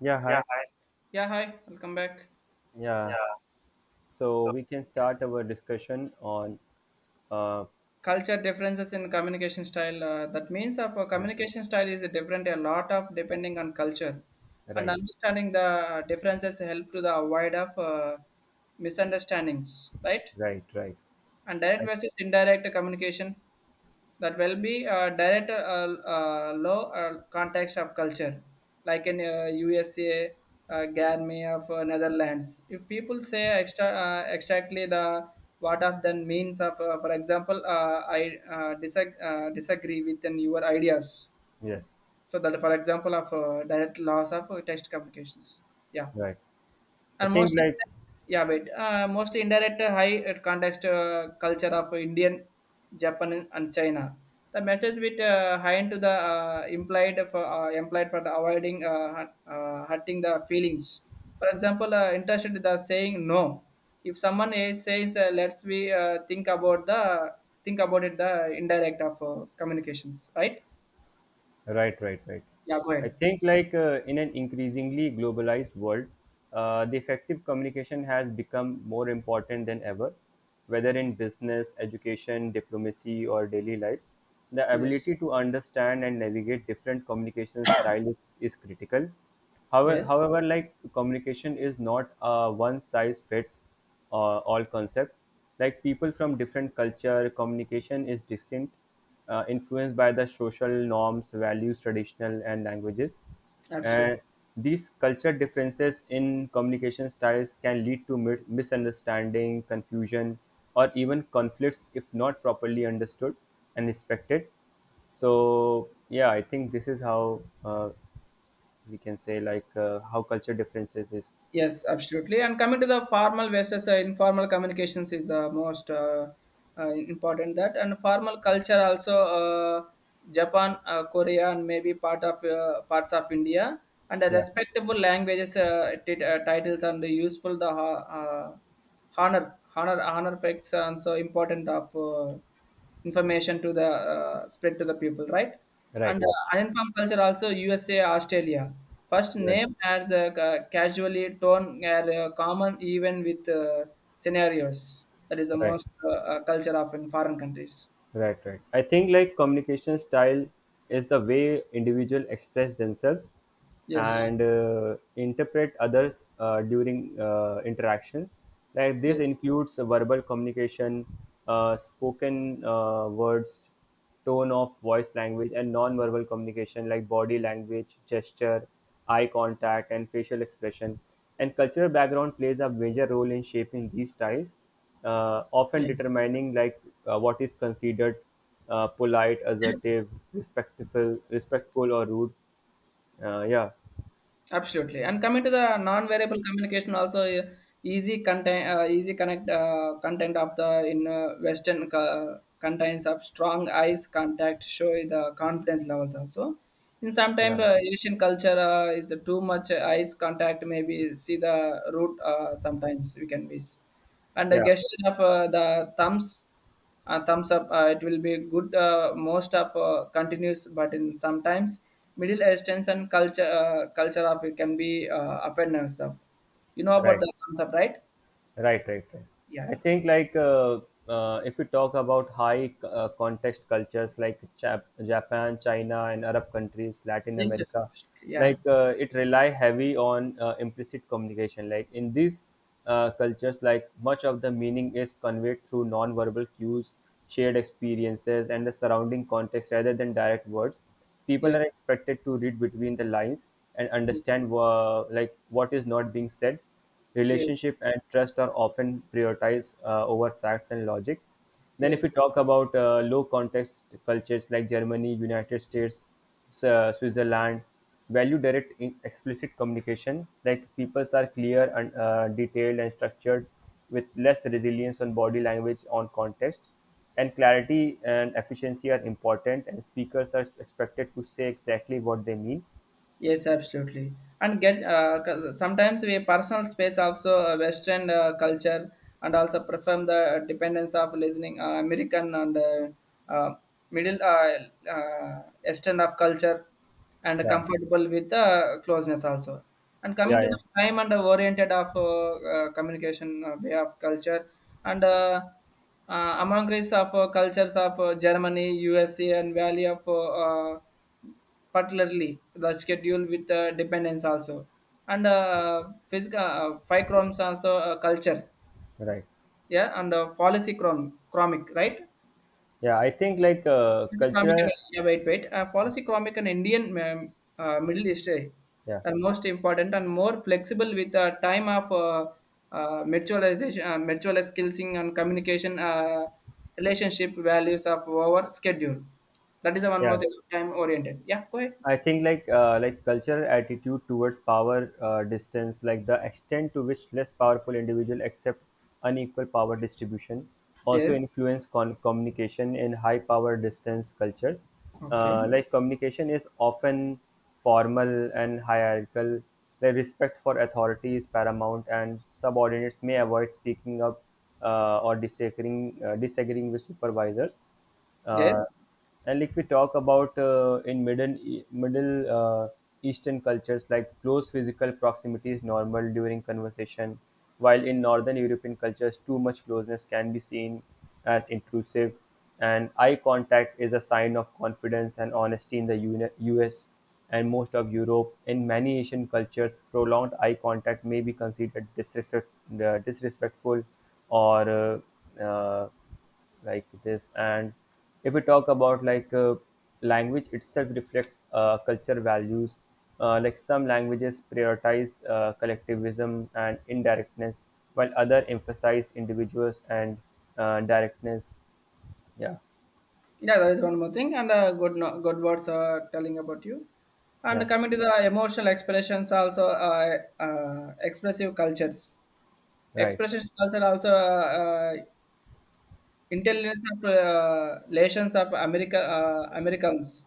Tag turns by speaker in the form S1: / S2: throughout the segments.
S1: Yeah,
S2: Yeah,
S1: hi.
S2: hi. Yeah, hi, welcome back.
S1: Yeah.
S2: Yeah.
S1: So
S2: So,
S1: we can start our discussion on uh
S2: culture differences in communication style. That means of a
S1: yeah,
S2: communication style is different a lot of depending on culture, and
S1: right,
S2: understanding the differences help to the avoid of misunderstandings. Right?
S1: right, right.
S2: And direct
S1: I,
S2: versus indirect communication that will be direct low context of culture, like in USA, Garmy of Netherlands. If people say extra, exactly the what of the means of, for example, I disagree with in your ideas.
S1: yes,
S2: So that, for example, of direct loss of text communications. Yeah.
S1: right. I
S2: And
S1: think
S2: mostly,
S1: like
S2: mostly indirect high context culture of Indian, Japan, and China. The message with high into the implied for implied for the avoiding hurting the feelings. For example, interested in the saying no. If someone is, says, "Let's we think about the think about it," the indirect of communications, right?
S1: right, right, right.
S2: Yeah, go
S1: I
S2: ahead.
S1: think like in an increasingly globalized world, the effective communication has become more important than ever, whether in business, education, diplomacy, or daily life. The
S2: Yes,
S1: ability to understand and navigate different communication styles is critical. However,
S2: yes,
S1: however, like communication is not a one size fits all concept. Like people from different culture, communication is distinct influenced by the social norms, values, traditional, and languages.
S2: absolutely.
S1: And these culture differences in communication styles can lead to misunderstanding, confusion, or even conflicts if not properly understood and respected. So, yeah, I think this is how we can say like how culture differences is.
S2: Yes, absolutely. And coming to the formal versus informal communications is the most important that. And formal culture also Japan, Korea, and maybe part of parts of India. And the
S1: Yeah,
S2: respectable languages titles and the useful the honor honor facts and so important of. Information to the spread to the people, right?
S1: right,
S2: And
S1: right,
S2: uninformed culture also USA, Australia, first
S1: right,
S2: name as casually torn are common even with scenarios, that is the
S1: right.
S2: most culture of in foreign countries.
S1: Right, right. I think like communication style is the way individual express themselves
S2: Yes,
S1: and interpret others during interactions. Like this
S2: yes,
S1: includes verbal communication, spoken words, tone of voice language, and non-verbal communication like body language, gesture, eye contact, and facial expression. And cultural background plays a major role in shaping these styles, often
S2: yes.
S1: determining like what is considered polite, assertive, respectful, or rude. Uh, yeah,
S2: Absolutely. And coming to the non-variable communication also easy content, easy connect content of the in Western contents of strong eyes contact show the confidence levels also. In sometimes
S1: yeah
S2: Asian culture is too much eyes contact. Maybe see the root. Sometimes we can be, and the
S1: yeah,
S2: gesture of the thumbs up, it will be good, most of continues, but in sometimes middle eastern and culture culture of, it can be offenders of, you know about
S1: right.
S2: the thumbs up, right?
S1: Right, right, right.
S2: Yeah,
S1: I
S2: yeah.
S1: think like if we talk about high context cultures like Japan, China, and Arab countries, Latin
S2: Yes, yes,
S1: America,
S2: absolutely. Yeah.
S1: like it rely heavy on implicit communication. Like in these cultures, like much of the meaning is conveyed through non-verbal cues, shared experiences, and the surrounding context rather than direct words. People are
S2: Yes,
S1: expected to read between the lines and understand like what is not being said,
S2: yes,
S1: relationship and trust are often prioritized over facts and logic. Then, if
S2: yes.
S1: we talk about low context cultures like Germany, United States, Switzerland, value direct in explicit communication, like people are clear and detailed and structured with less resilience on body language on context. And clarity and efficiency are important, and speakers are expected to say exactly what they mean.
S2: Yes, absolutely. And get sometimes we personal space also Western culture and also perform the dependence of listening American and uh, middle Eastern of culture and
S1: Yeah,
S2: comfortable with closeness also. And coming
S1: yeah,
S2: to the
S1: yeah,
S2: time and the oriented of communication way of culture and among race of cultures of Germany, USA, and Valley of particularly the schedule with the dependence also and physical five chromes also culture.
S1: right.
S2: Yeah, and policy chromic, right?
S1: Yeah, I think like
S2: Economic and,
S1: cultural
S2: yeah, wait wait policy chromic and indian middle east,
S1: yeah,
S2: are most important and more flexible with the time of mutual skilling and communication relationship values of our schedule. That is the one more
S1: yeah.
S2: thing, time oriented. Yeah, go ahead.
S1: I think like cultural attitude towards power distance, like the extent to which less powerful individual accept unequal power distribution, also
S2: Yes.
S1: influence communication in high power distance cultures.
S2: Okay.
S1: Like communication is often formal and hierarchical. The respect for authority is paramount, and subordinates may avoid speaking up or disagreeing with supervisors,
S2: Yes.
S1: uh, and like we talk about in middle E- middle eastern cultures, like close physical proximity is normal during conversation, while in northern european cultures too much closeness can be seen as intrusive, and eye contact is a sign of confidence and honesty in the us and most of europe. In many asian cultures prolonged eye contact may be considered disrespectful or uh, uh, like this. And if we talk about like language itself reflects culture values, like some languages prioritize collectivism and indirectness, while other emphasize individuals and directness. Yeah,
S2: Yeah, there is one more thing, and good no- good words telling about you. And
S1: yeah,
S2: coming to the emotional expressions, also expressive cultures,
S1: right,
S2: expressions culture also Intelligence of relations of America, Americans.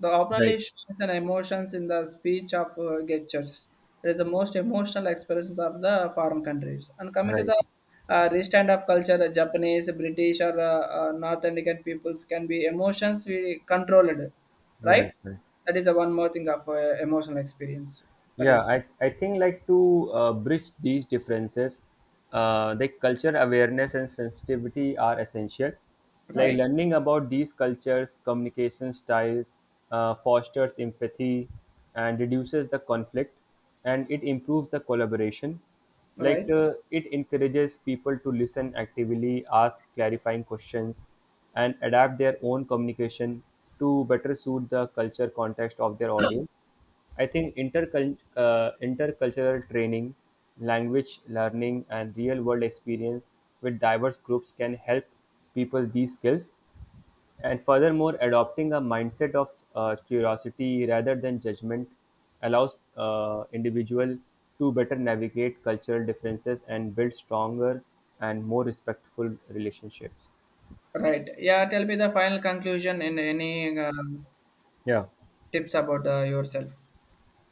S2: The openly
S1: right,
S2: shows and emotions in the speech of gestures. It is the most emotional expressions of the foreign countries. And coming to
S1: right,
S2: the restand of culture, Japanese, British, or North Indian peoples can be emotions we controlled, right?
S1: right, right.
S2: That is the one more thing of emotional experience. That
S1: Yeah,
S2: is
S1: I think like to bridge these differences, the culture awareness and sensitivity are essential. Like
S2: right,
S1: learning about these cultures, communication styles, fosters empathy and reduces the conflict and it improves the collaboration. Like
S2: right,
S1: it encourages people to listen actively, ask clarifying questions, and adapt their own communication to better suit the culture context of their audience. I think intercultural training, language learning, and real world experience with diverse groups can help people these skills. And furthermore, adopting a mindset of curiosity rather than judgment allows individual to better navigate cultural differences and build stronger and more respectful relationships.
S2: right. Yeah, tell me the final conclusion and any
S1: Yeah.
S2: tips about yourself.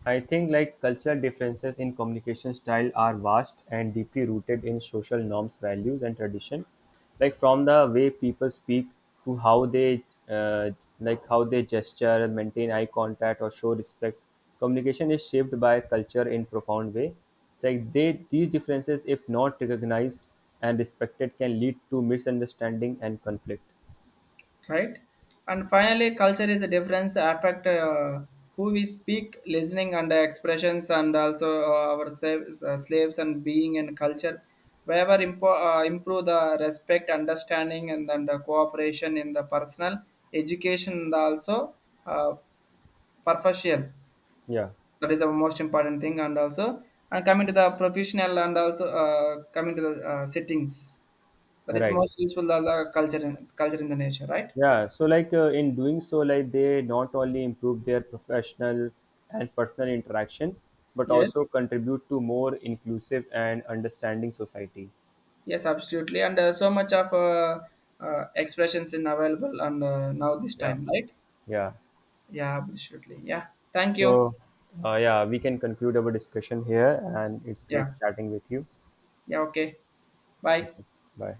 S1: I think like cultural differences in communication style are vast and deeply rooted in social norms, values, and tradition. Like from the way people speak to how they uh, like how they gesture, maintain eye contact, or show respect. Communication is shaped by culture in profound way. It's like they these differences, if not recognized and respected, can lead to misunderstanding and conflict.
S2: Right? And finally, culture is the difference affect who we speak, listening and expressions, and also our slaves, slaves and being and culture. Wherever improve the respect, understanding, and then the cooperation in the personal education, and also uh, profession.
S1: Yeah,
S2: That is the most important thing, and also and coming to the professional and also coming to the settings. That is
S1: right.
S2: most useful the culture in, culture in the nature, right?
S1: Yeah, so like in doing so, like they not only improve their professional and personal interaction, but also
S2: Yes.
S1: contribute to more inclusive and understanding society.
S2: Yes, absolutely. And so much of expressions in available and now this
S1: Yeah,
S2: time, right?
S1: yeah.
S2: Yeah, absolutely. Yeah. Thank you.
S1: So, yeah, we can conclude our discussion here, and it's great
S2: Yeah.
S1: chatting with you.
S2: Yeah. Okay. Bye.
S1: Okay, bye.